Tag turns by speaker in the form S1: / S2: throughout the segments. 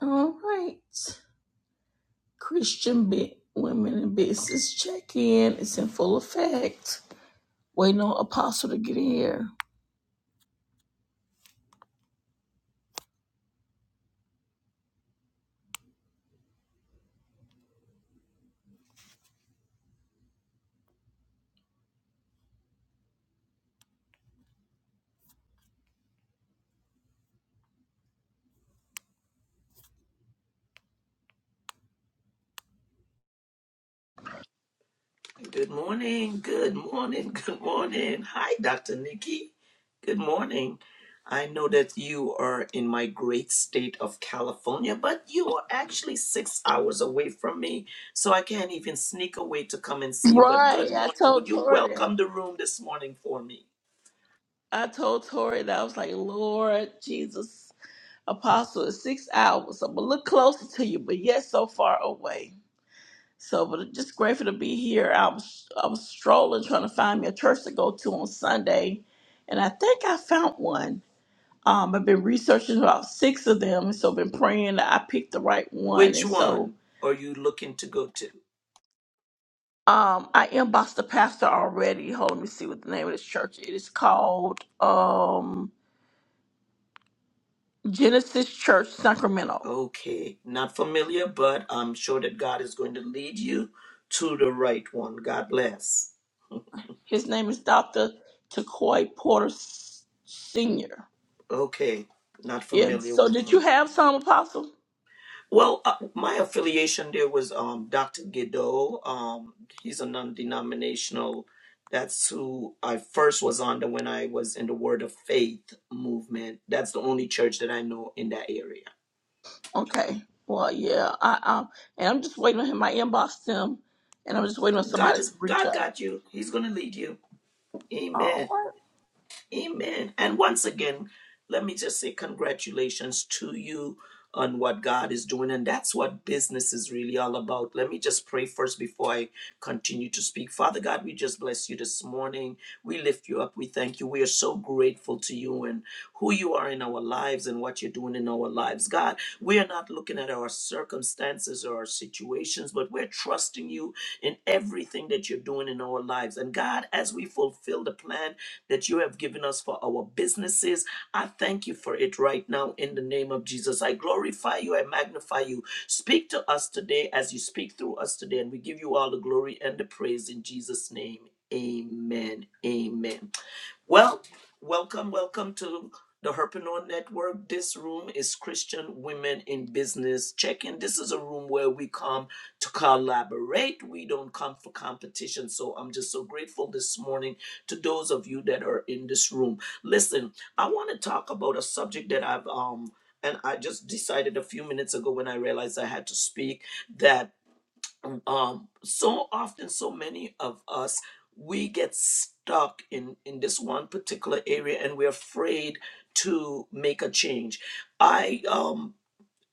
S1: All right. Christian Bit Women in Business check in. It's in full effect. Waiting on Apostle to get in here.
S2: Good morning. Good morning. Good morning. Hi, Dr. Nikki. Good morning. I know that you are in my great state of California, but you are actually six hours away from me, so I can't even sneak away to come and see you. But good
S1: Right. I
S2: morning. Would
S1: told
S2: you
S1: Tori that.
S2: welcome the room this morning for me?
S1: I told Tori that I was like, Lord Jesus, Apostle is six hours. so I'm a little closer to you, but yet so far away. So, but I'm just grateful to be here. I was I was strolling trying to find me a church to go to on Sunday, and I think I found one Um, I've been researching about six of them, so I've been praying that I picked the right one.
S2: Which
S1: And so
S2: one are you looking to go to?
S1: um, I inboxed the pastor already. Hold on, let me see what the name of this church. is. It is called um, Genesis Church Sacramento.
S2: Okay, not familiar, but I'm sure that God is going to lead you to the right one. God bless.
S1: His name is Dr. Takoy Porter S- Sr.
S2: Okay, not
S1: Yeah,
S2: familiar
S1: so
S2: with
S1: did you
S2: him.
S1: have some, Apostle?
S2: Well, uh, my affiliation there was um, Dr. Guido. Um, he's a non-denominational. That's who I first was under when I was in the Word of Faith movement. That's the only church that I know in that area.
S1: Okay. Well, yeah, I, um, and I'm just waiting on him. I inboxed him, and I'm just waiting on
S2: God
S1: somebody to
S2: is
S1: reach
S2: God
S1: out.
S2: got you. He's gonna lead you. Amen.
S1: Oh,
S2: Amen. And once again, let me just say congratulations to you on what God is doing. And that's what business is really all about. Let me just pray first before I continue to speak. Father God, we just bless you this morning. We lift you up. We thank you. We are so grateful to you and who you are in our lives and what you're doing in our lives. God, we are not looking at our circumstances or our situations, but we're trusting you in everything that you're doing in our lives. And God, as we fulfill the plan that you have given us for our businesses. I thank you for it right now in the name of Jesus. I glorify you. I magnify you. Speak to us today as you speak through us today. And we give you all the glory and the praise in Jesus' name. Amen. Amen. Well, welcome, welcome to the Herpreneur Network. This room is Christian Women in Business Check-in. This is a room where we come to collaborate. We don't come for competition. So I'm just so grateful this morning to those of you that are in this room. Listen, I want to talk about a subject that I've um and I just decided a few minutes ago when I realized I had to speak that um, so often so many of us we get stuck in in this one particular area and we're afraid to make a change i um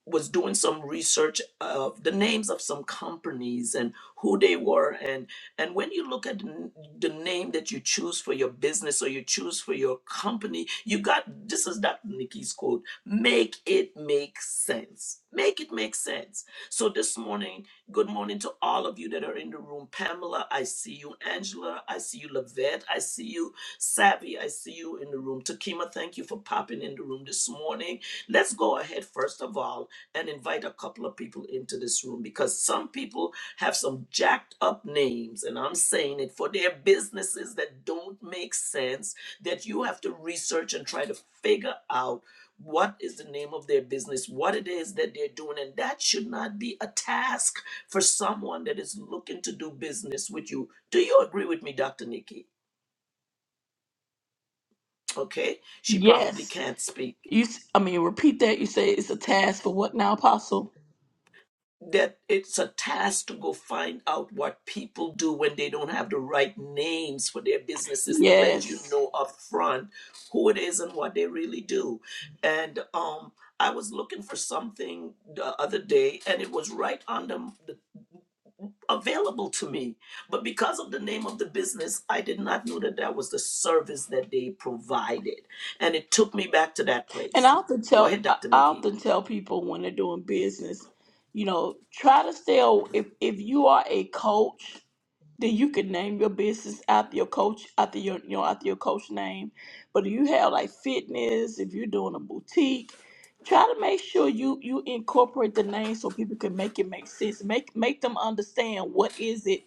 S2: was doing some research of the names of some companies and who they were and and when you look at the n- the name that you choose for your business or you choose for your company you got this is Dr. Nikki's quote make it make sense make it make sense so this morning good morning to all of you that are in the room Pamela I see you Angela I see you Lavette I see you Savvy I see you in the room Takima thank you for popping in the room this morning let's go ahead first of all and invite a couple of people into this room because some people have some jacked up names, and I'm saying it for their businesses that don't make sense, that you have to research and try to figure out what is the name of their business, what it is that they're doing, and that should not be a task for someone that is looking to do business with you. Do you agree with me, Dr. Nikki? Okay, she probably
S1: yes.
S2: can't speak.
S1: You, s- I mean, repeat that. You say it's a task for what now, Apostle?
S2: that it's a task to go find out what people do when they don't have the right names for their businesses to let you
S1: Yes.
S2: know up front who it is and what they really do and um i was looking for something the other day and it was right on the, the available to me but because of the name of the business i did not know that that was the service that they provided and it took me back to that
S1: And I
S2: place
S1: often
S2: go
S1: tell,
S2: ahead
S1: I
S2: dr
S1: I
S2: nikki
S1: often tell people when they're doing business, you know, try to stay. aw- If if you are a coach, then you can name your business after your coach, after your you know after your coach name. But if you have like fitness, if you're doing a boutique, try to make sure you you incorporate the name so people can make it make sense. Make make them understand what is it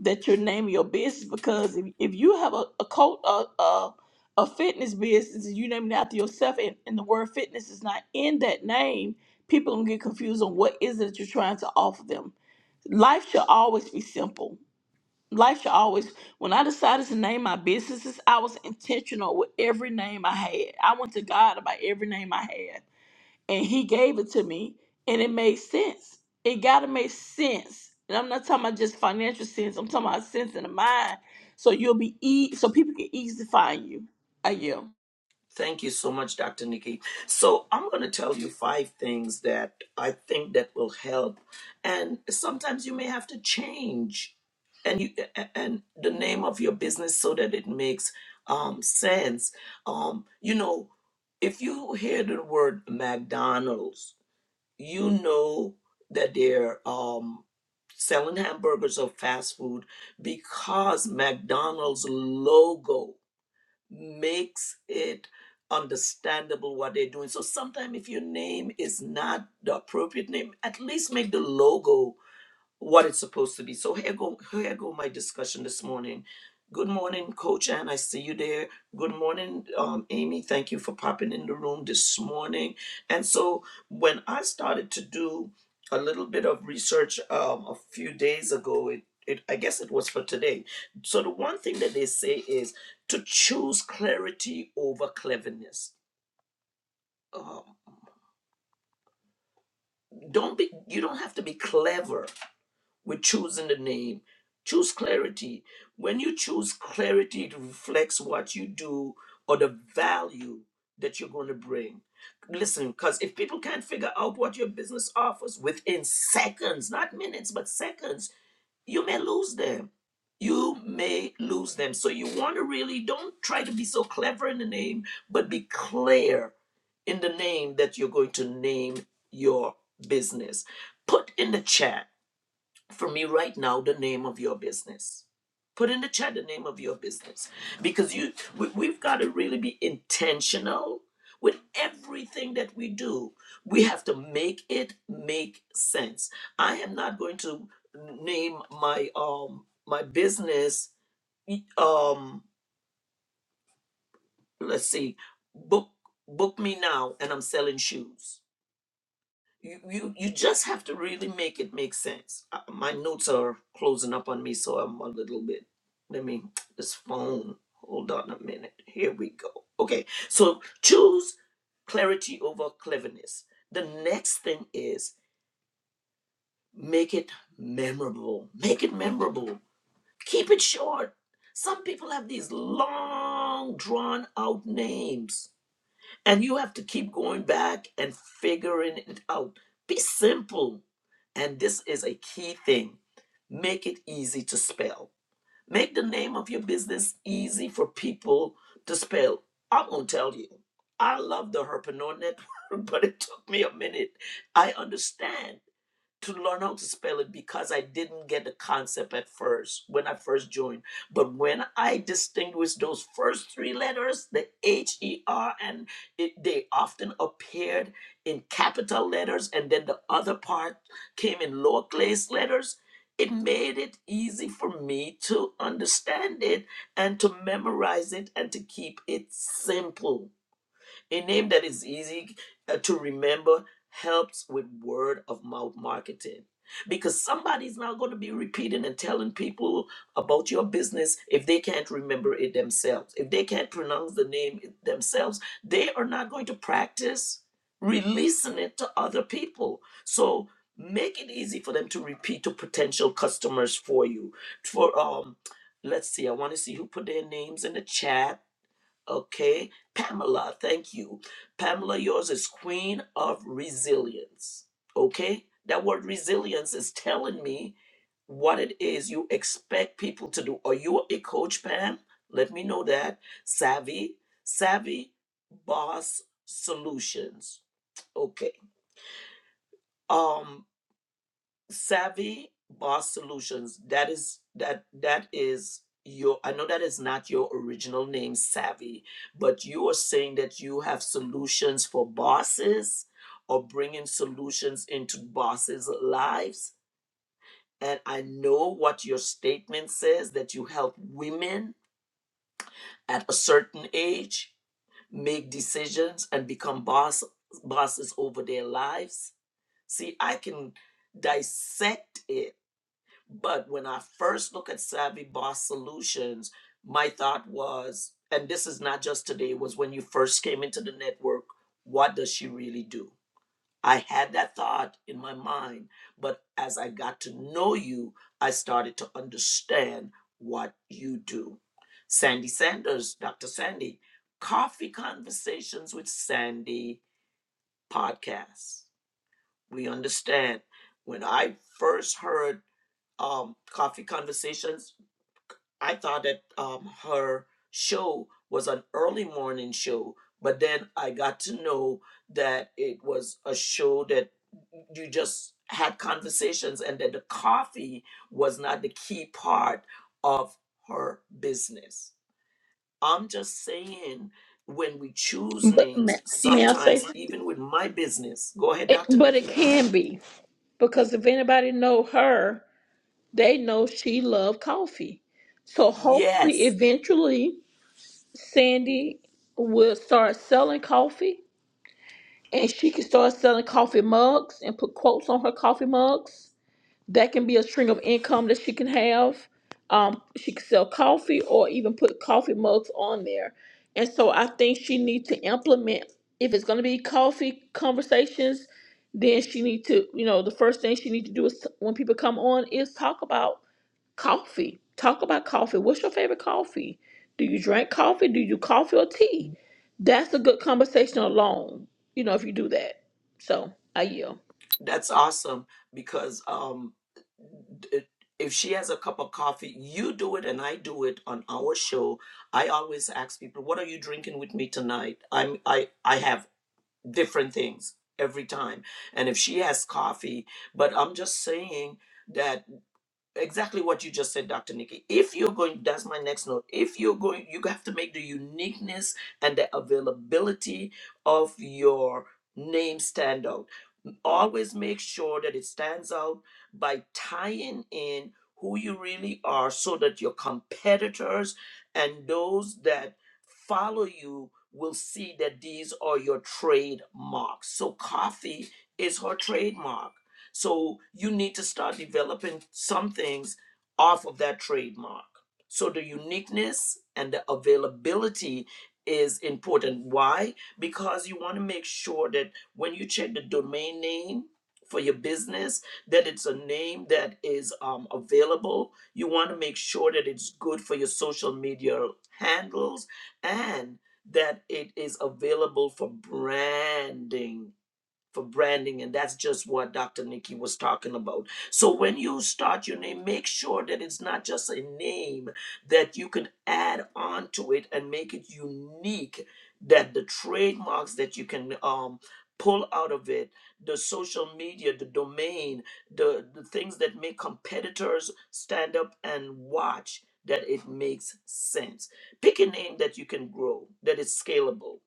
S1: that you're naming your business because if, if you have a, a cult a, a a fitness business and you name it after yourself and, and the word fitness is not in that name people gonna get confused on what is it that you're trying to offer them life should always be simple life should always when i decided to name my businesses i was intentional with every name i had i went to god about every name i had and he gave it to me and it made sense it gotta make sense and i'm not talking about just financial sense i'm talking about sense in the mind so you'll be e- so people can easily find you i you
S2: Thank you so much, Dr. Nikki. So I'm going to tell you five things that I think that will help. And sometimes you may have to change and you and the name of your business so that it makes um, sense. Um, you know, if you hear the word McDonald's, you know that they're um, selling hamburgers or fast food because McDonald's logo makes it understandable what they're doing. So sometimes if your name is not the appropriate name, at least make the logo what it's supposed to be. So here go here go my discussion this morning. Good morning, Coach Ann. I see you there. Good morning, um, Amy. Thank you for popping in the room this morning. And so when I started to do a little bit of research um, a few days ago, it, it I guess it was for today. So the one thing that they say is to choose clarity over cleverness. Um, don't be you don't have to be clever with choosing the name. Choose clarity. When you choose clarity, it reflects what you do or the value that you're going to bring. Listen, because if people can't figure out what your business offers within seconds, not minutes, but seconds, you may lose them. You may lose them. So you want to really don't try to be so clever in the name, but be clear in the name that you're going to name your business. Put in the chat for me right now the name of your business. Put in the chat the name of your business because you we, we've got to really be intentional with everything that we do. We have to make it make sense. I am not going to name my um my business um let's see book book me now and I'm selling shoes you you you just have to really make it make sense. Uh, my notes are closing up on me, so I'm a little bit. Let me this phone. Hold on a minute. Here we go. Okay, so choose clarity over cleverness. The next thing is make it memorable. Make it memorable. Keep it short. Some people have these long, drawn out names and you have to keep going back and figuring it out. Be simple. And this is a key thing make it easy to spell. Make the name of your business easy for people to spell. I'm going to tell you, I love the Herpreneur Network, but it took me a minute. I understand to learn how to spell it because I didn't get the concept at first when I first joined. But when I distinguished those first three letters, the H E R, and it, they often appeared in capital letters, and then the other part came in lowercase letters. It made it easy for me to understand it and to memorize it and to keep it simple a name that is easy uh, to remember helps with word of mouth marketing because somebody's not going to be repeating and telling people about your business if they can't remember it themselves. If they can't pronounce the name themselves, they are not going to practice releasing it to other people. So make it easy for them to repeat to potential customers for you. For um let's see, I want to see who put their names in the chat. Okay, Pamela, thank you. Pamela, yours is Queen of Resilience. Okay, that word resilience is telling me what it is you expect people to do. Are you a coach, Pam? Let me know that. Savvy, savvy boss solutions. Okay. Um savvy boss solutions that is that that is your i know that is not your original name savvy but you are saying that you have solutions for bosses or bringing solutions into bosses lives and i know what your statement says that you help women at a certain age make decisions and become boss bosses over their lives see i can dissect it But when I first look at Savvy Boss Solutions, my thought was, and this is not just today, was when you first came into the network, what does she really do? I had that thought in my mind, but as I got to know you, I started to understand what you do. Sandy Sanders, Dr. Sandy, Coffee Conversations with Sandy podcast. We understand. When I first heard um, Coffee Conversations, I thought that um, her show was an early morning show, but then I got to know that it was a show that you just had conversations and that the coffee was not the key part of her business. I'm just saying, when we choose
S1: but
S2: names,
S1: may, may i say
S2: sometimes
S1: something?
S2: even with my business, go ahead,
S1: it,
S2: Dr.
S1: but it
S2: Nikki.
S1: can be because if anybody know her they know she loved coffee so hopefully
S2: Yes,
S1: eventually sandy will start selling coffee and she can start selling coffee mugs and put quotes on her coffee mugs that can be a string of income that she can have. Um, she can sell coffee or even put coffee mugs on there. And so I think she needs to implement if it's going to be coffee conversations, then she need to, you know, the first thing she need to do is when people come on is talk about coffee. Talk about coffee. What's your favorite coffee? Do you drink coffee? Do you do coffee or tea? That's a good conversation alone, you know, if you do that. So I yield.
S2: That's awesome because um, d- if she has a cup of coffee, you do it and I do it on our show. I always ask people, "What are you drinking with me tonight?" I'm I I have different things every time, and if she has coffee, but I'm just saying that exactly what you just said dr nikki if you're going that's my next note if you're going you have to make the uniqueness and the availability of your name stand out always make sure that it stands out by tying in who you really are so that your competitors and those that follow you will see that these are your trademarks so coffee is her trademark so you need to start developing some things off of that trademark. So the uniqueness and the availability is important. Why? Because you want to make sure that when you check the domain name for your business, that it's a name that is um, available. You want to make sure that it's good for your social media handles and that it is available for branding for branding and that's just what dr nikki was talking about so when you start your name make sure that it's not just a name that you can add on to it and make it unique that the trademarks that you can um pull out of it the social media the domain the the things that make competitors stand up and watch that it makes sense pick a name that you can grow that is scalable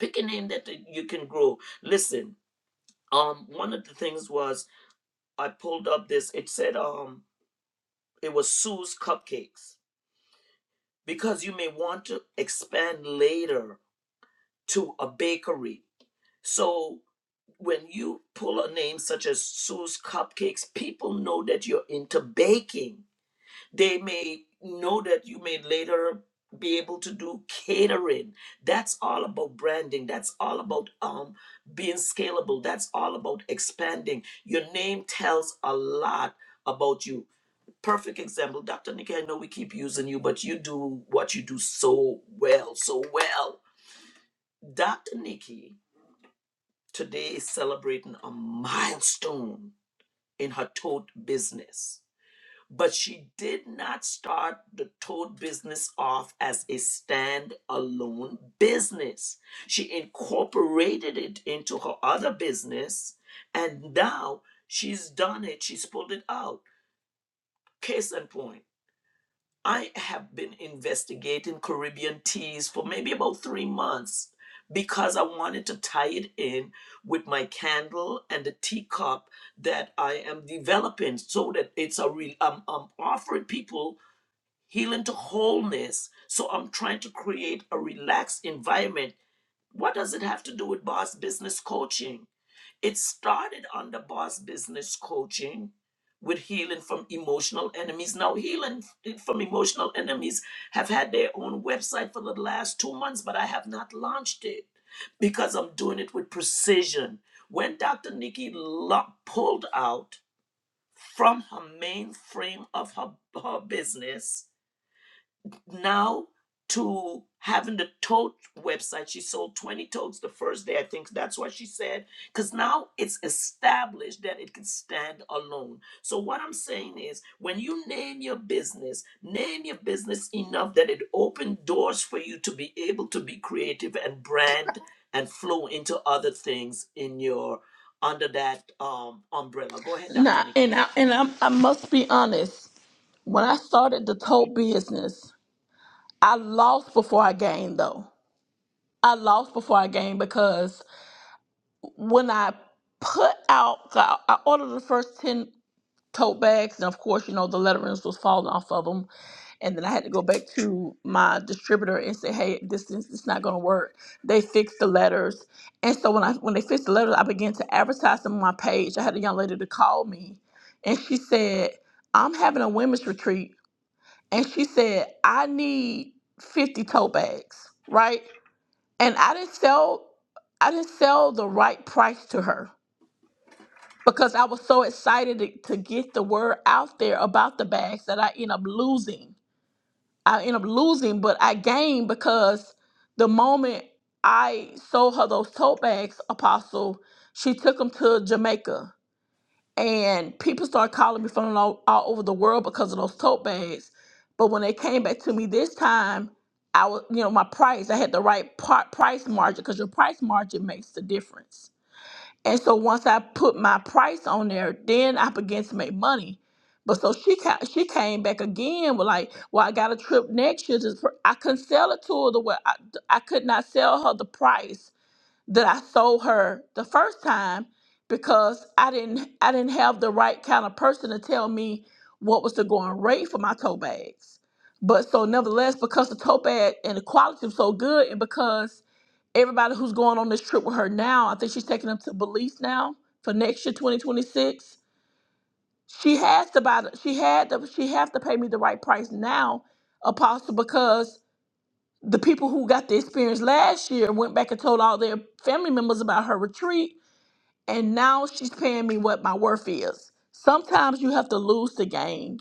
S2: pick a name that you can grow listen um one of the things was i pulled up this it said um it was sue's cupcakes because you may want to expand later to a bakery so when you pull a name such as sue's cupcakes people know that you're into baking they may know that you may later be able to do catering that's all about branding that's all about um being scalable that's all about expanding your name tells a lot about you perfect example dr nikki i know we keep using you but you do what you do so well so well dr nikki today is celebrating a milestone in her tote business but she did not start the toad business off as a standalone business. She incorporated it into her other business, and now she's done it. She's pulled it out. Case in point, I have been investigating Caribbean teas for maybe about three months because I wanted to tie it in with my candle and the teacup that I am developing so that it's a real I'm, I'm offering people healing to wholeness. So I'm trying to create a relaxed environment. What does it have to do with boss business coaching? It started under boss business coaching with healing from emotional enemies. Now, healing f- from emotional enemies have had their own website for the last two months, but I have not launched it because I'm doing it with precision. When Dr. Nikki lo- pulled out from her main frame of her, her business, now to having the tote website. She sold 20 totes the first day, I think that's what she said, because now it's established that it can stand alone. So, what I'm saying is, when you name your business, name your business enough that it open doors for you to be able to be creative and brand and flow into other things in your under that um umbrella. Go ahead, Dr.
S1: Nah,
S2: Nikki.
S1: and I and I, I must be honest. When I started the tote business, I lost before I gained though. I lost before I gained because when I put out, I I ordered the first 10 tote bags, and of course, you know, the letterings was falling off of them. And then I had to go back to my distributor and say, "Hey, this is it's not going to work." They fixed the letters, and so when I when they fixed the letters, I began to advertise them on my page. I had a young lady to call me, and she said, "I'm having a women's retreat and she said, I need 50 tote bags, right? And I didn't sell, I didn't sell the right price to her because I was so excited to, to get the word out there about the bags that I end up losing. I end up losing, but I gained because the moment I sold her those tote bags, Apostle, she took them to Jamaica and people started calling me from all, all over the world because of those tote bags. But when they came back to me this time, I was, you know, my price, I had the right par- price margin because your price margin makes the difference. And so once I put my price on there, then I began to make money. But so she ca- she came back again with like, well, I got a trip next year. Just for-" I couldn't sell it to her the way I, I could not sell her the price that I sold her the first time because I didn't I didn't have the right kind of person to tell me what was the going rate for my tote bags. But so nevertheless, because the tote bag and the quality was so good and because everybody who's going on this trip with her now, I think she's taking them to Belize now for next year, 2026. She has to buy the, she had to she has to pay me the right price now, Apostle, because the people who got the experience last year went back and told all their family members about her retreat and now she's paying me what my worth is. Sometimes you have to lose to gain.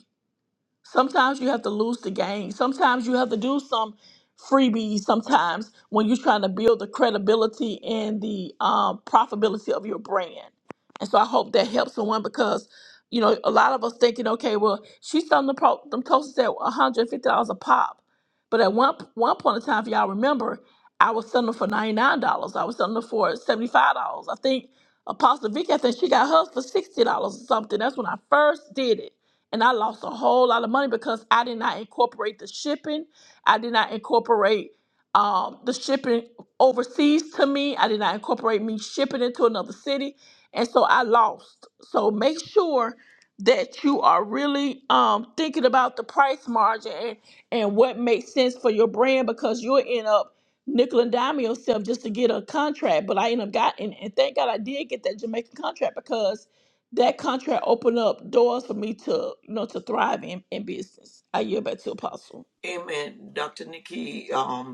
S1: Sometimes you have to lose the game. Sometimes you have to do some freebies. Sometimes when you're trying to build the credibility and the um, profitability of your brand. And so I hope that helps someone because you know a lot of us thinking, okay, well she's selling the pro- them toasters at 150 dollars a pop, but at one one point in time, if y'all remember, I was selling them for 99 dollars. I was selling them for 75 dollars. I think Apostle Vicky, I think she got hers for 60 dollars or something. That's when I first did it and I lost a whole lot of money because I did not incorporate the shipping. I did not incorporate um, the shipping overseas to me. I did not incorporate me shipping into another city, and so I lost. So make sure that you are really um, thinking about the price margin and, and what makes sense for your brand because you'll end up nickel and dime yourself just to get a contract. But I ended up got and, and thank God I did get that Jamaican contract because that contract opened up doors for me to you know to thrive in, in business. I yield back to Apostle.
S2: Amen. Dr. Nikki, Um.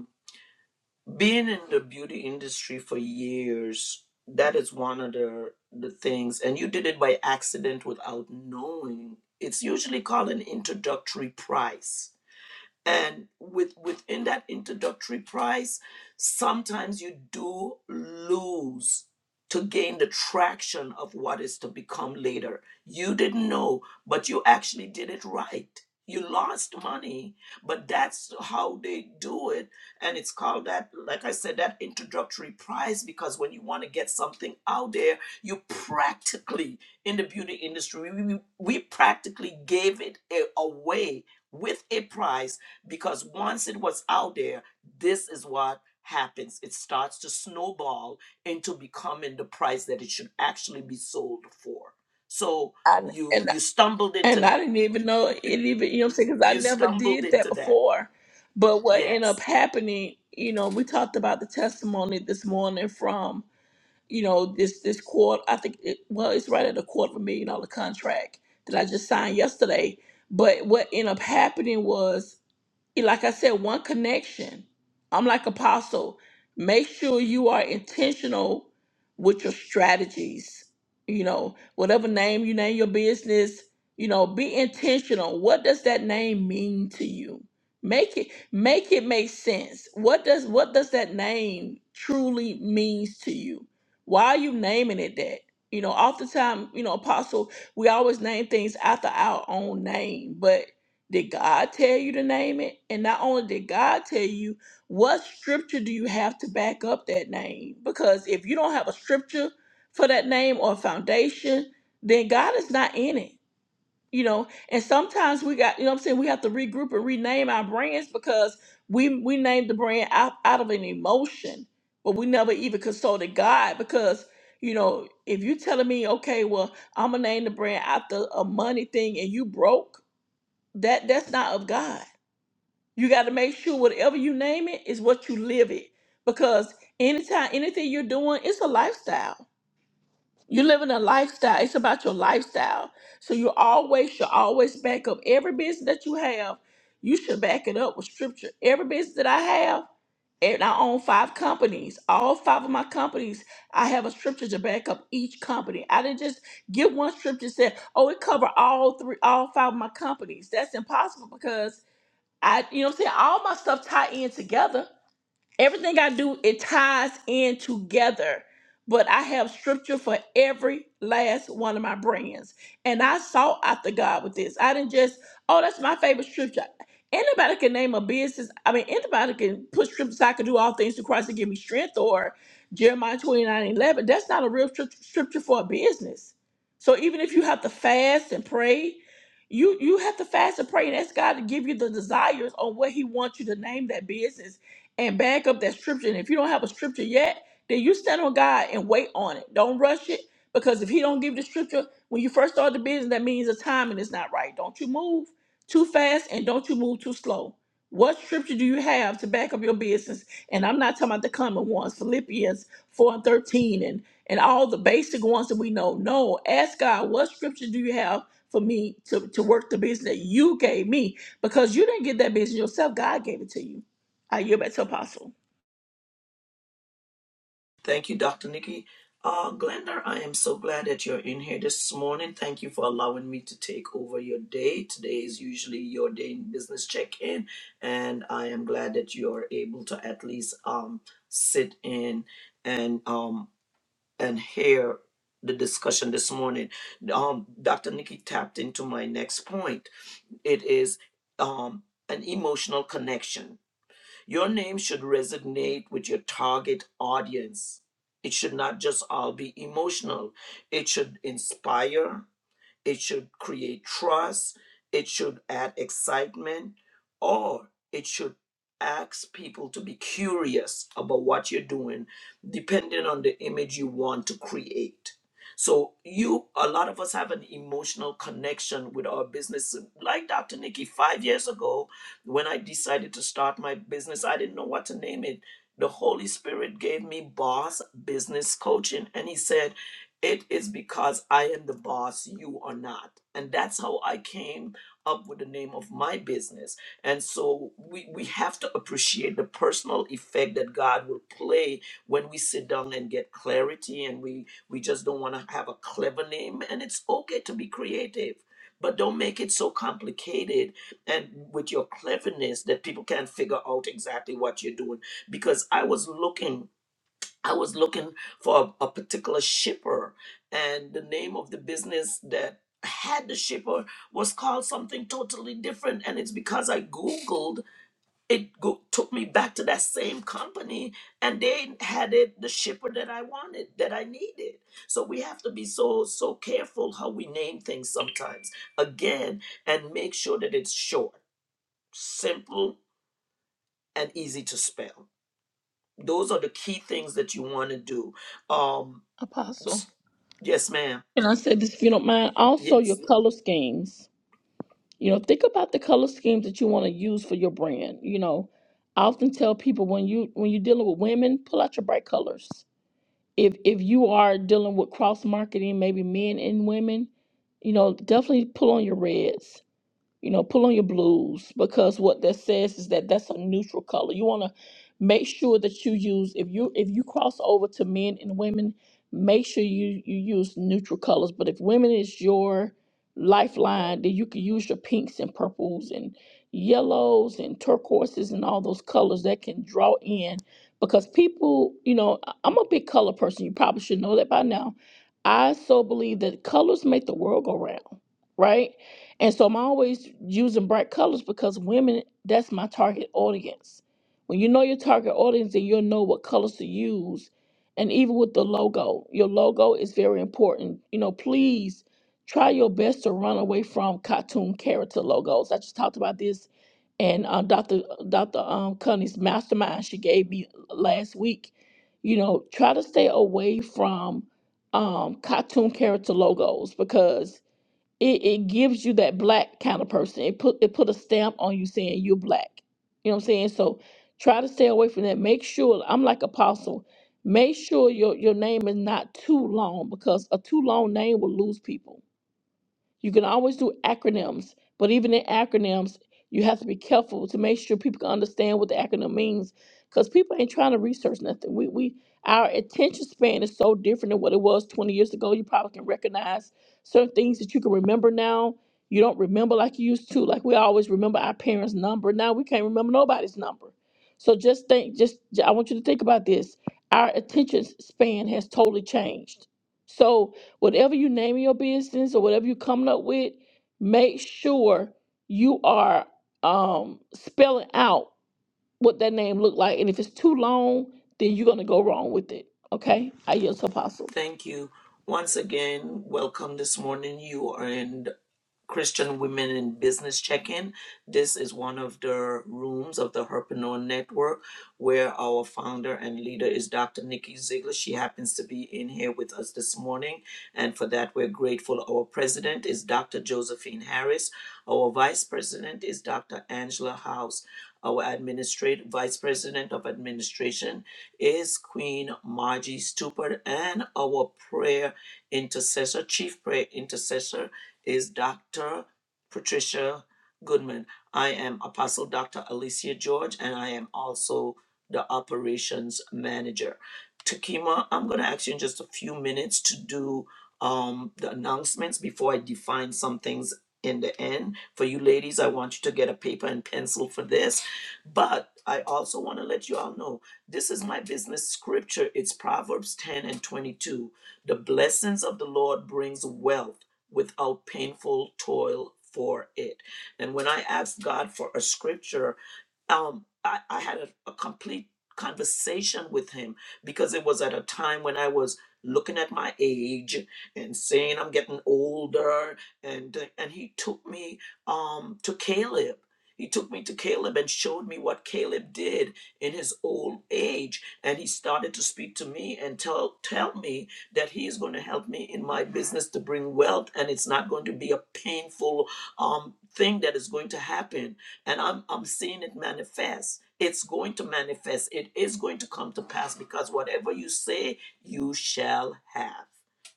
S2: Being in the beauty industry for years, that is one of the the things, and you did it by accident without knowing. It's usually called an introductory price and with within that introductory price sometimes you do lose to gain the traction of what is to become later you didn't know but you actually did it right you lost money but that's how they do it and it's called that like i said that introductory price because when you want to get something out there you practically in the beauty industry we, we practically gave it a- away with a price because once it was out there, this is what happens. It starts to snowball into becoming the price that it should actually be sold for. So
S1: I,
S2: you
S1: and
S2: you stumbled into
S1: and I
S2: that.
S1: didn't even know it even you know what I'm saying because I
S2: You
S1: never
S2: stumbled
S1: did that
S2: into that.
S1: before. But what ended up
S2: Yes.
S1: happening, you know, we talked about the testimony this morning from you know this this quarter. I think it, well, it's right at a quarter of a million dollar contract that I just signed yesterday. But what ended up happening was like I said, one connection. I'm like apostle. Make sure you are intentional with your strategies. You know, whatever name you name your business, you know, be intentional. What does that name mean to you? Make it make it make sense. What does what does that name truly means to you? Why are you naming it that? You know, oftentimes, you know, apostle, we always name things after our own name, but did God tell you to name it? And not only did God tell you, what scripture do you have to back up that name? Because if you don't have a scripture for that name or foundation, then God is not in it. You know, and sometimes we got, you know what I'm saying, we have to regroup and rename our brands because we we named the brand out, out of an emotion, but we never even consulted God because, you know, if you telling me, okay, well, I'm gonna name the brand after a money thing and you broke, that that's not of God. You got to make sure whatever you name it is what you live it. Because anytime anything you're doing, it's a lifestyle. You're living a lifestyle. It's about your lifestyle. So you always should always back up every business that you have. You should back it up with scripture. Every business that I have, and I own five companies. All five of my companies, I have a scripture to back up each company. I didn't just give one scripture and say, "Oh, it cover all three, all five of my companies." That's impossible because I, you know what I'm saying? All my stuff tie in together. Everything I do, it ties in together. But I have scripture for every last one of my brands. And I sought after God with this. I didn't just, oh, that's my favorite scripture. Anybody can name a business. I mean, anybody can put scriptures, I can do all things through Christ to give me strength, or Jeremiah 29 11. That's not a real script- scripture for a business. So even if you have to fast and pray, you you have to fast and pray and ask God to give you the desires on what He wants you to name that business and back up that scripture. And if you don't have a scripture yet, then you stand on God and wait on it. Don't rush it because if He don't give the scripture when you first start the business, that means the timing is not right. Don't you move too fast and don't you move too slow. What scripture do you have to back up your business? And I'm not talking about the common ones, Philippians 4 and 13 and, and all the basic ones that we know. No, ask God, what scripture do you have for me to, to work the business that you gave me? Because you didn't get that business yourself, God gave it to you. I yield back to Apostle.
S2: Thank you, Dr. Nikki. Uh, Glenda, I am so glad that you're in here this morning. Thank you for allowing me to take over your day. Today is usually your day in business check in, and I am glad that you're able to at least um, sit in and um, and hear the discussion this morning. Um, Dr. Nikki tapped into my next point. It is um, an emotional connection your name should resonate with your target audience. It should not just all be emotional, it should inspire, it should create trust. It should add excitement, or it should ask people to be curious about what you're doing, depending on the image you want to create. So you, a lot of us have an emotional connection with our business. Like Dr. Nikki, five years ago, when I decided to start my business, I didn't know what to name it. The Holy Spirit gave me boss business coaching, and He said it is because I am the boss, you are not. And that's how I came up with the name of my business. And so we, we have to appreciate the personal effect that God will play when we sit down and get clarity and we, we just don't want to have a clever name. And it's okay to be creative. But don't make it so complicated and with your cleverness that people can't figure out exactly what you're doing. Because I was looking I was looking for a, a particular shipper, and the name of the business that had the shipper was called something totally different. And it's because I Googled, it go- took me back to that same company, and they had it, the shipper that I wanted, that I needed. So we have to be so, so careful how we name things sometimes, again, and make sure that it's short, simple, and easy to spell. Those are the key things that you want to do. Um,
S1: Apostle.
S2: Yes, ma'am.
S1: And I said this if you don't mind. Also, your
S2: Yes.
S1: color schemes. You know, think about the color schemes that you want to use for your brand. You know, I often tell people when you when you're dealing with women, pull out your bright colors. If if you are dealing with cross marketing, maybe men and women, you know, definitely pull on your reds. you know, pull on your blues because what that says is that that's a neutral color. You want to make sure that you use if you if you cross over to men and women, make sure you you use neutral colors. But if women is your lifeline, then you can use your pinks and purples and yellows and turquoises and all those colors that can draw in because people, you know, I- I'm a big color person. You probably should know that by now. I so believe that colors make the world go round, right? And so I'm always using bright colors because women, that's my target audience. When you know your target audience, then you'll know what colors to use. And even with the logo, your logo is very important. You know, please try your best to run away from cartoon character logos. I just talked about this and uh, Dr. Dr. Um, Cunny's mastermind she gave me last week. You know, try to stay away from um, cartoon character logos because it, it gives you that black kind of person. It put it put a stamp on you saying you're black. You know what I'm saying? So try to stay away from that. Make sure I'm like apostle. Make sure your your name is not too long because a too long name will lose people you can always do acronyms, but even in acronyms, you have to be careful to make sure people can understand what the acronym means because people ain't trying to research nothing. We, we Our attention span is so different than what it was 20 years ago. You probably can recognize certain things that you can remember now. You don't remember like you used to. Like we always remember our parents' number. Now we can't remember nobody's number. So just think, just I want you to think about this. Our attention span has totally changed. So whatever you name your business or whatever you're coming up with, make sure you are um, spelling out what that name look like. And if it's too long, then you're gonna go wrong with it. Okay, I yield to Apostle.
S2: Thank you. Once again, welcome this morning. You are in. Christian Women in Business Check In. This is one of the rooms of the Herpreneur Network where our founder and leader is Dr. Nikki Ziegler. She happens to be in here with us this morning, and for that, we're grateful. Our president is Dr. Josephine Harris, our vice president is Dr. Angela House. Our administrative vice president of administration is Queen Margie Stupert, and our prayer intercessor, chief prayer intercessor is Dr. Patricia Goodman. I am Apostle Dr. Alicia George, and I am also the operations manager. Takima, I'm going to ask you in just a few minutes to do um, the announcements before I define some things in the end. For you ladies, I want you to get a paper and pencil for this. But I also want to let you all know this is my business scripture. It's Proverbs 10 and 22. The blessings of the Lord brings wealth without painful toil for it. And when I ask God for a scripture um, I, I had a, a complete conversation with him because it was at a time when I was looking at my age and saying I'm getting older, and and he took me um, to Caleb. He took me to Caleb and showed me what Caleb did in his old age, and he started to speak to me and tell tell me that he is going to help me in my business to bring wealth, and it's not going to be a painful um, thing that is going to happen and I'm I'm seeing it manifest. It's going to manifest. It is going to come to pass because whatever you say, you shall have.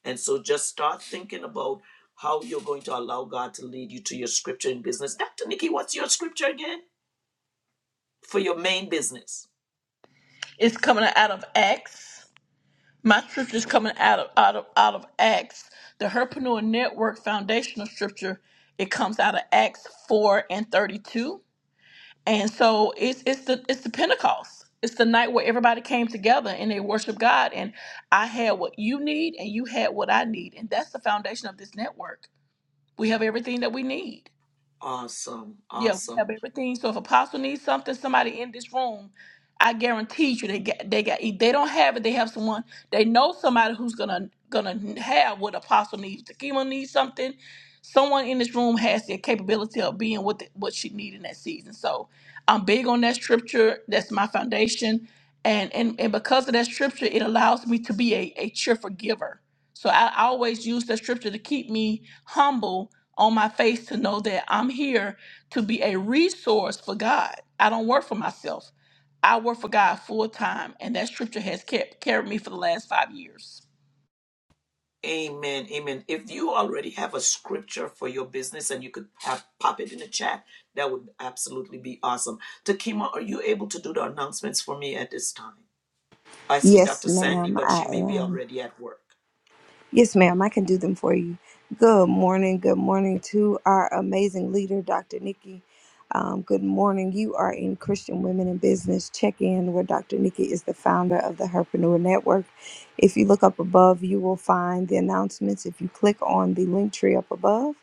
S2: And so just start thinking about how you're going to allow God to lead you to your scripture in business. Dr. Nikki, what's your scripture again? For your main business.
S1: It's coming out of Acts. My scripture is coming out of out of out of Acts. The Herpreneur Network foundational scripture. It comes out of Acts four and thirty two. And so it's it's the it's the Pentecost. It's the night where everybody came together and they worship God. And I had what you need and you had what I need. And that's the foundation of this network. We have everything that we need.
S2: Awesome.
S1: Yeah, we
S2: Awesome.
S1: have everything. So if Apostle needs something, somebody in this room, I guarantee you they got they got if they don't have it, they have someone they know somebody who's gonna gonna have what Apostle needs. Takima needs something. Someone in this room has the capability of being what the, what she need in that season. So I'm big on that scripture. That's my foundation. And, and and because of that scripture, it allows me to be a, a cheerful giver. So I I always use that scripture to keep me humble on my face to know that I'm here to be a resource for God. I don't work for myself. I work for God full time, and that scripture has kept carried me for the last five years.
S2: Amen. Amen. If you already have a scripture for your business and you could have, pop it in the chat, that would absolutely be awesome. Takima, are you able to do the announcements for me at this time? I see
S3: Yes,
S2: Dr. Sandy,
S3: ma'am,
S2: but
S3: I
S2: she may be
S3: am.
S2: already at work.
S3: Yes, ma'am, I can do them for you. Good morning. Good morning to our amazing leader, Dr. Nikki. Um, good morning. You are in Christian Women in Business Check In, where Dr. Nikki is the founder of the Herpreneur Network. If you look up above, you will find the announcements. If you click on the link tree up above,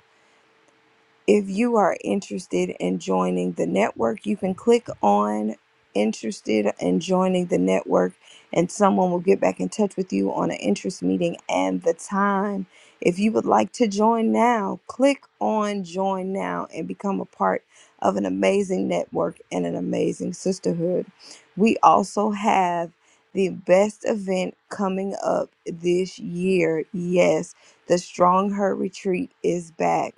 S3: if you are interested in joining the network, you can click on interested in joining the network and someone will get back in touch with you on an interest meeting and the time. If you would like to join now, click on join now and become a part of an amazing network and an amazing sisterhood. We also have the best event coming up this year. Yes, the Strong Her Retreat is back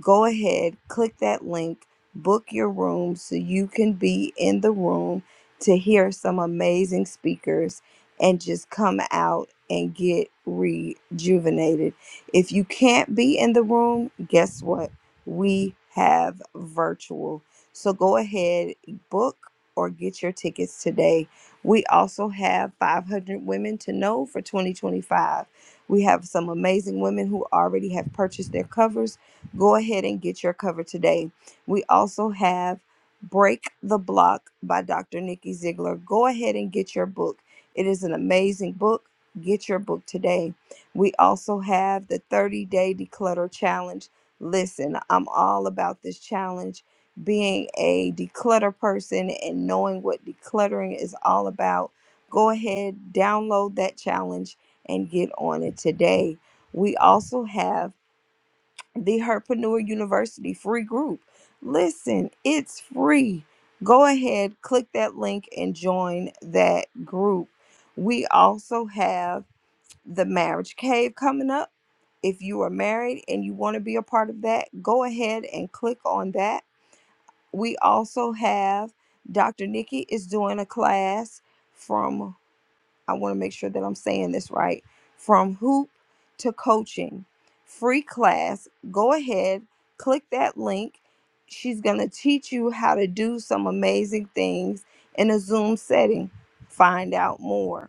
S3: go ahead, click that link, book your room so you can be in the room to hear some amazing speakers and just come out and get rejuvenated. If you can't be in the room, guess what? We have virtual. So go ahead, book or get your tickets today. We also have 500 women to know for 2025. We have some amazing women who already have purchased their covers Go ahead and get your cover today. We also have Break the Block by Dr. Nikki Ziegler. Go ahead and get your book. It is an amazing book. Get your book today. We also have the 30 Day Declutter Challenge. Listen, I'm all about this challenge. Being a declutter person and knowing what decluttering is all about, go ahead, download that challenge and get on it today. We also have the Herpreneur University free group. Listen, it's free. Go ahead, click that link and join that group. We also have the Marriage Cave coming up. If you are married and you want to be a part of that, go ahead and click on that. We also have Dr. Nikki is doing a class from I want to make sure that I'm saying this right. From hoop to coaching, free class. Go ahead, click that link. She's going to teach you how to do some amazing things in a Zoom setting. Find out more.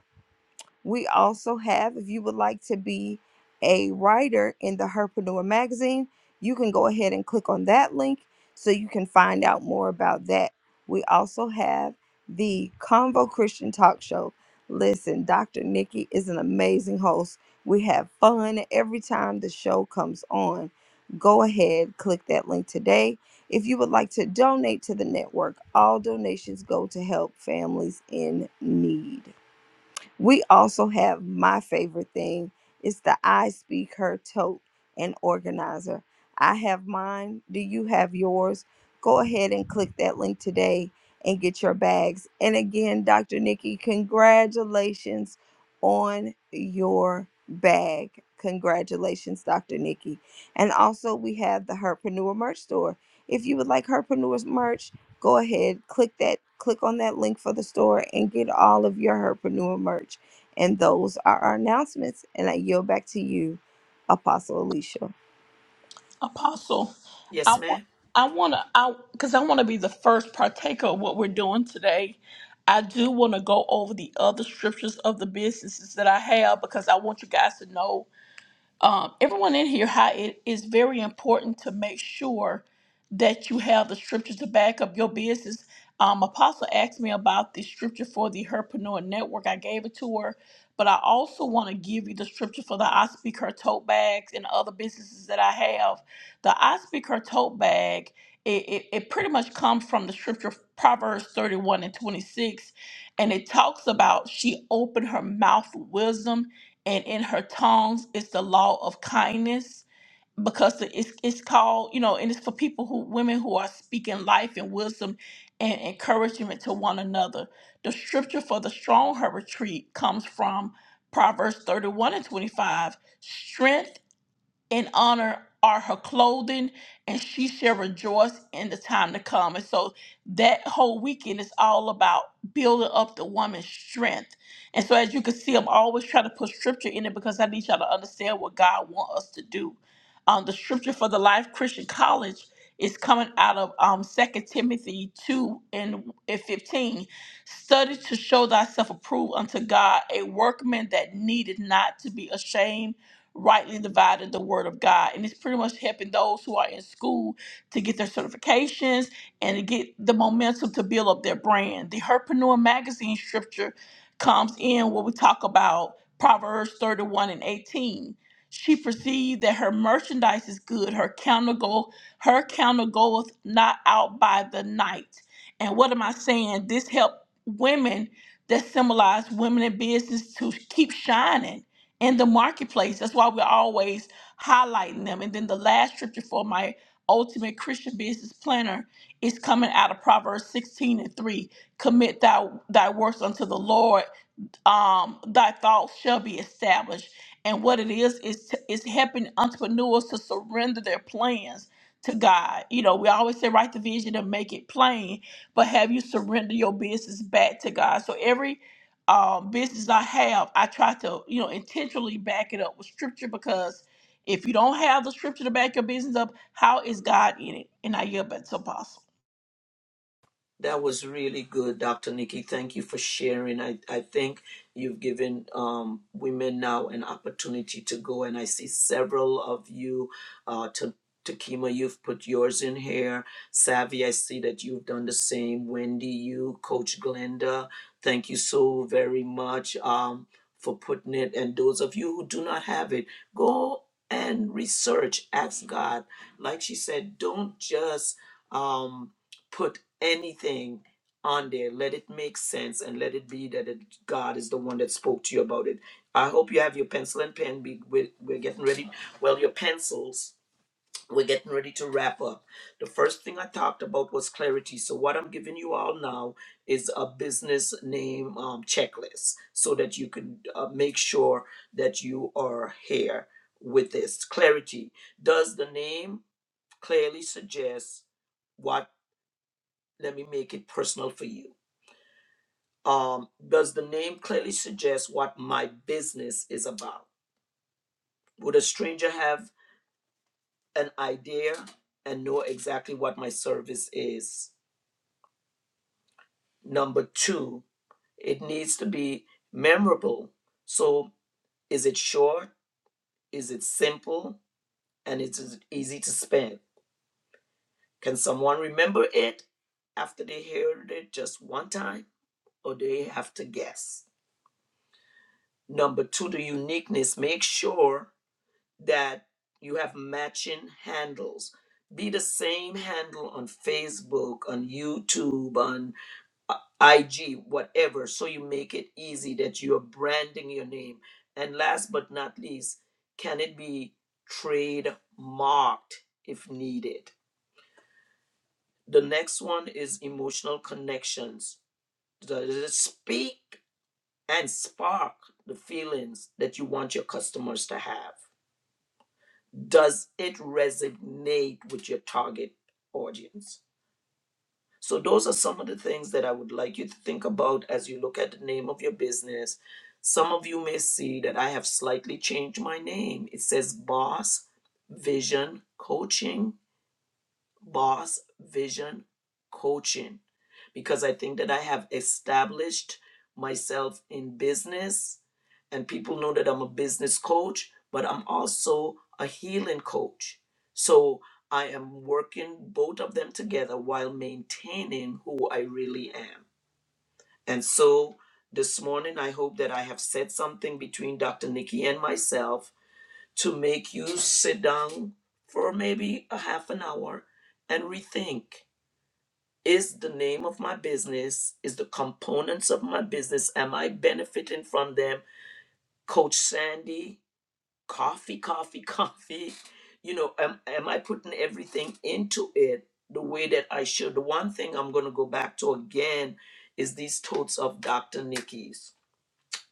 S3: We also have, if you would like to be a writer in the Herpreneur magazine, you can go ahead and click on that link so you can find out more about that. We also have the Convo Christian Talk Show. Listen, Dr. Nikki is an amazing host. We have fun every time the show comes on. Go ahead, click that link today. If you would like to donate to the network, all donations go to help families in need. We also have my favorite thing. It's the I Speak Her tote and organizer. I have mine. Do you have yours? Go ahead and click that link today and get your bags. And again, Dr. Nikki, congratulations on your bag. Congratulations, Dr. Nikki. And also, we have the Herpreneur merch store. If you would like Herpreneurs merch, go ahead, click that, click on that link for the store and get all of your Herpreneur merch. And those are our announcements. And I yield back to you, Apostle Alicia.
S1: Apostle,
S2: Yes,
S1: I
S2: ma'am?
S1: want, I want to, I because I want to be the first partaker of what we're doing today. I do want to go over the other scriptures of the businesses that I have because I want you guys to know um, everyone in here how it is very important to make sure that you have the scriptures to back up your business. Um, Apostle asked me about the scripture for the Herpreneur Network. I gave it to her, but I also want to give you the scripture for the I Speak Her tote bags and other businesses that I have. The I Speak Her tote bag, it, it, it pretty much comes from the scripture Proverbs 31 and 26, and it talks about she opened her mouth with wisdom and in her tongues it's the law of kindness because the- it's, it's called you know and it's for people who women who are speaking life and wisdom and encouragement to one another the scripture for the strong her retreat comes from proverbs 31 and 25 strength and honor are her clothing, and she shall rejoice in the time to come. And so that whole weekend is all about building up the woman's strength. And so, as you can see, I'm always trying to put scripture in it because I need y'all to understand what God wants us to do. Um, the scripture for the Life Christian College is coming out of um, Second Timothy 2 and and 15. Study to show thyself approved unto God, a workman that needed not to be ashamed rightly divided the word of God. And it's pretty much helping those who are in school to get their certifications and to get the momentum to build up their brand. The Herpreneur magazine scripture comes in where we talk about Proverbs 31 and 18. She perceived that her merchandise is good, her counter go her counter goeth not out by the night. And what am I saying? This helped women that symbolize women in business to keep shining in the marketplace. That's why we're always highlighting them. And then the last scripture for my ultimate Christian business planner is coming out of Proverbs 16 and 3. Commit thou thy works unto the Lord, um, thy thoughts shall be established. And what it is is to, is helping entrepreneurs to surrender their plans to God. You know, we always say write the vision and make it plain, but have you surrender your business back to God? So every um, business I have, I try to you know intentionally back it up with scripture because if you don't have the scripture to back your business up, how is God in it? And I yield back to apostle.
S2: That was really good, Dr. Nikki. Thank you for sharing. I, I think you've given um, women now an opportunity to go, and I see several of you. Uh, to Takima, you've put yours in here. Savvy, I see that you've done the same. Wendy, you, Coach Glenda, thank you so very much um, for putting it. And those of you who do not have it, go and research. Ask God. Like she said, don't just. Um, put anything on there, let it make sense and let it be that it, God is the one that spoke to you about it. I hope you have your pencil and pen. Be- We're, we're getting ready. Well, your pencils. We're getting ready to wrap up. The first thing I talked about was clarity. So, what I'm giving you all now is a business name um, checklist so that you can uh, make sure that you are here with this. Clarity. Does the name clearly suggest what let me make it personal for you um, does the name clearly suggest what my business is about? Would a stranger have an idea and know exactly what my service is? Number two, it needs to be memorable. So, is it short? Is it simple? And it's easy to spend? Can someone remember it after they heard it just one time, or they have to guess? Number two, the uniqueness. Make sure that you have matching handles. Be the same handle on Facebook, on YouTube, on uh, IG, whatever, so you make it easy that you're branding your name. And last but not least, can it be trademarked if needed? The next one is emotional connections. Does it speak and spark the feelings that you want your customers to have? does it resonate with your target audience? So, those are some of the things that I would like you to think about as you look at the name of your business. Some of you may see that I have slightly changed my name. It says Boss Vision Coaching boss vision coaching because I think that I have established myself in business and people know that I'm a business coach, but I'm also a healing coach. So I am working both of them together while maintaining who I really am. And so this morning, I hope that I have said something between Dr. Nikki and myself to make you sit down for maybe a half an hour and rethink is the name of my business is the components of my business am i benefiting from them coach sandy coffee coffee coffee you know am, am i putting everything into it the way that i should the one thing i'm going to go back to again is these totes of dr nikki's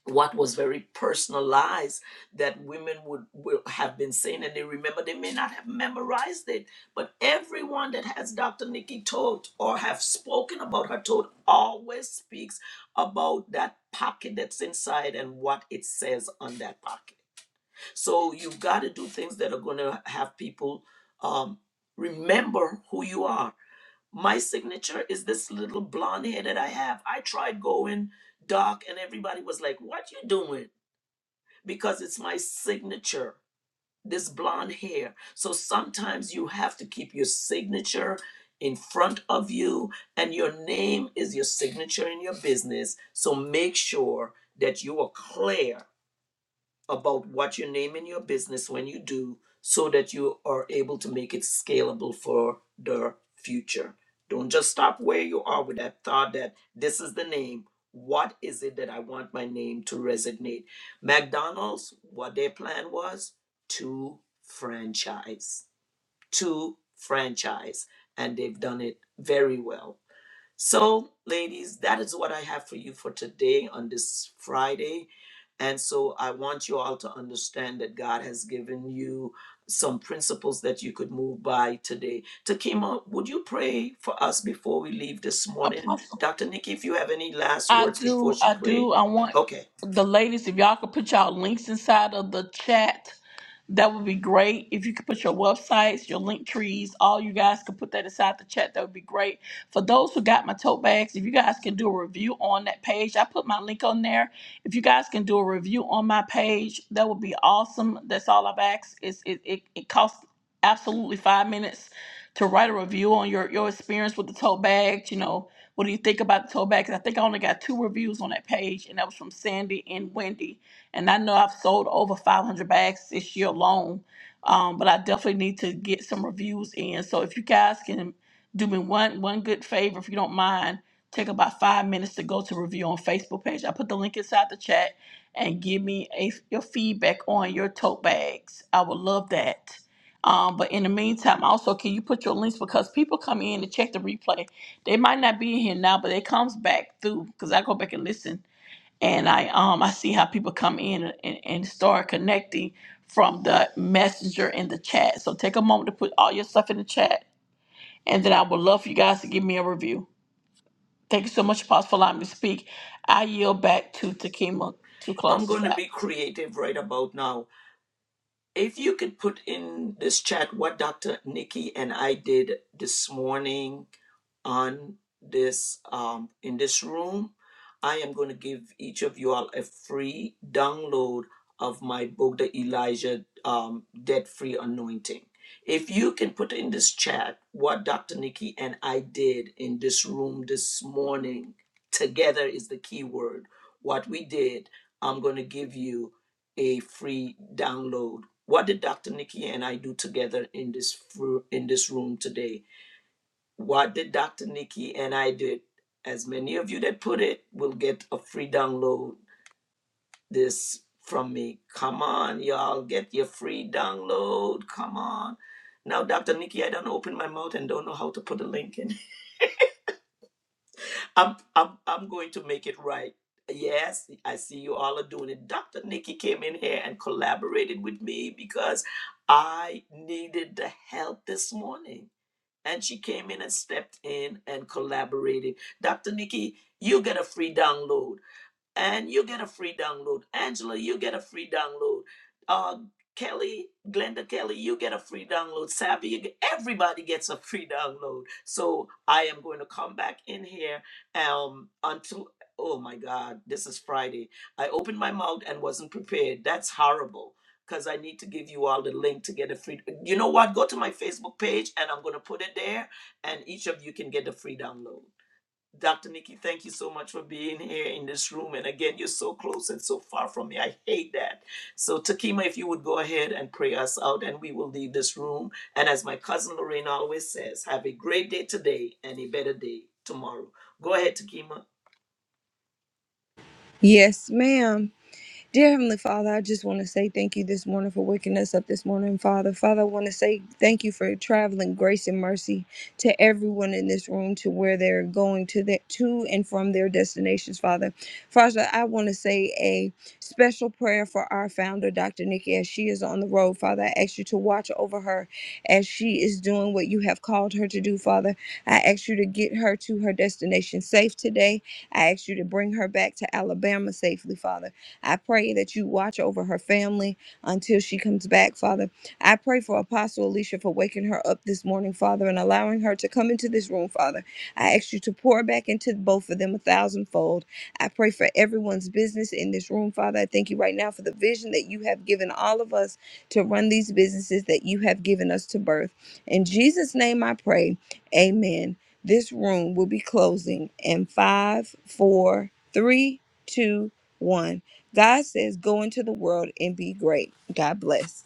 S2: what was very personalized that women would will have been saying and they remember they may not have memorized it but everyone that has dr nikki told or have spoken about her told always speaks about that pocket that's inside and what it says on that pocket so you've got to do things that are going to have people um, remember who you are my signature is this little blonde hair that i have i tried going dark and everybody was like what you doing because it's my signature, this blonde hair. So sometimes you have to keep your signature in front of you, and your name is your signature in your business. So make sure that you are clear about what you name in your business when you do so that you are able to make it scalable for the future. Don't just stop where you are with that thought that this is the name. What is it that I want my name to resonate? McDonald's, what their plan was to franchise, to franchise, and they've done it very well. So, ladies, that is what I have for you for today on this Friday. And so, I want you all to understand that God has given you some principles that you could move by today. Takima, would you pray for us before we leave this morning?
S1: Apostle.
S2: Dr. Nikki, if you have any last
S1: I
S2: words before
S1: do,
S2: she
S1: I
S2: pray.
S1: do. I want
S2: Okay.
S1: the ladies, if y'all could put y'all links inside of the chat. That would be great. If you could put your websites, your link trees, all you guys could put that aside the chat, that would be great. For those who got my tote bags, if you guys can do a review on that page, I put my link on there. If you guys can do a review on my page, that would be awesome. That's all I've asked. It's, it, it, it costs absolutely five minutes to write a review on your, your experience with the tote bags. You know, what do you think about the tote bags? I think I only got two reviews on that page, and that was from Sandy and Wendy and I know I've sold over 500 bags this year alone, um, but I definitely need to get some reviews in. So if you guys can do me one one good favor, if you don't mind, take about five minutes to go to review on Facebook page. I put the link inside the chat and give me a, your feedback on your tote bags. I would love that. Um, but in the meantime, also, can you put your links because people come in to check the replay. They might not be in here now, but it comes back through because I go back and listen and I um I see how people come in and, and start connecting from the messenger in the chat. So take a moment to put all your stuff in the chat, and then I would love for you guys to give me a review. Thank you so much, Apostle, for allowing me to speak. I yield back to Takima to
S2: I'm
S1: close this
S2: going to
S1: out.
S2: be creative right about now. If you could put in this chat what Dr. Nikki and I did this morning on this um, in this room i am going to give each of you all a free download of my book the elijah um, debt free anointing if you can put in this chat what dr nikki and i did in this room this morning together is the key word what we did i'm going to give you a free download what did dr nikki and i do together in this fr- in this room today what did Dr. Nikki and I did? As many of you that put it will get a free download this from me. Come on, y'all, get your free download. Come on. Now, Dr. Nikki, I don't open my mouth and don't know how to put a link in. I'm, I'm, I'm going to make it right. Yes, I see you all are doing it. Dr. Nikki came in here and collaborated with me because I needed the help this morning. and she came in and stepped in and collaborated. Dr. Nikki, you get a free download and you get a free download. Angela, you get a free download. Uh, Kelly, Glenda Kelly, you get a free download. Savvy, you get, everybody gets a free download. So I am going to come back in here um, until, oh my God, this is Friday. I opened my mouth and wasn't prepared. That's horrible because I need to give you all the link to get a free. You know what? Go to my Facebook page and I'm going to put it there and each of you can get a free download. Dr. Nikki, thank you so much for being here in this room. And again, you're so close and so far from me. I hate that. So, Takima, if you would go ahead and pray us out, and we will leave this room. And as my cousin Lorraine always says, have a great day today and a better day tomorrow. Go ahead, Takima.
S3: Yes, ma'am. Dear Heavenly Father, I just want to say thank you this morning for waking us up this morning, Father. Father, I want to say thank you for traveling grace and mercy to everyone in this room to where they're going to that to and from their destinations, Father. Father, I want to say a special prayer for our founder, Dr. Nikki, as she is on the road, Father. I ask you to watch over her as she is doing what you have called her to do, Father. I ask you to get her to her destination safe today. I ask you to bring her back to Alabama safely, Father. I pray that you watch over her family until she comes back, Father. I pray for Apostle Alicia for waking her up this morning, Father, and allowing her to come into this room, Father. I ask you to pour back into both of them a thousandfold. I pray for everyone's business in this room, Father. I thank you right now for the vision that you have given all of us to run these businesses that you have given us to birth. In Jesus' name I pray. Amen. This room will be closing in five, four, three, two, one. God says, go into the world and be great. God bless.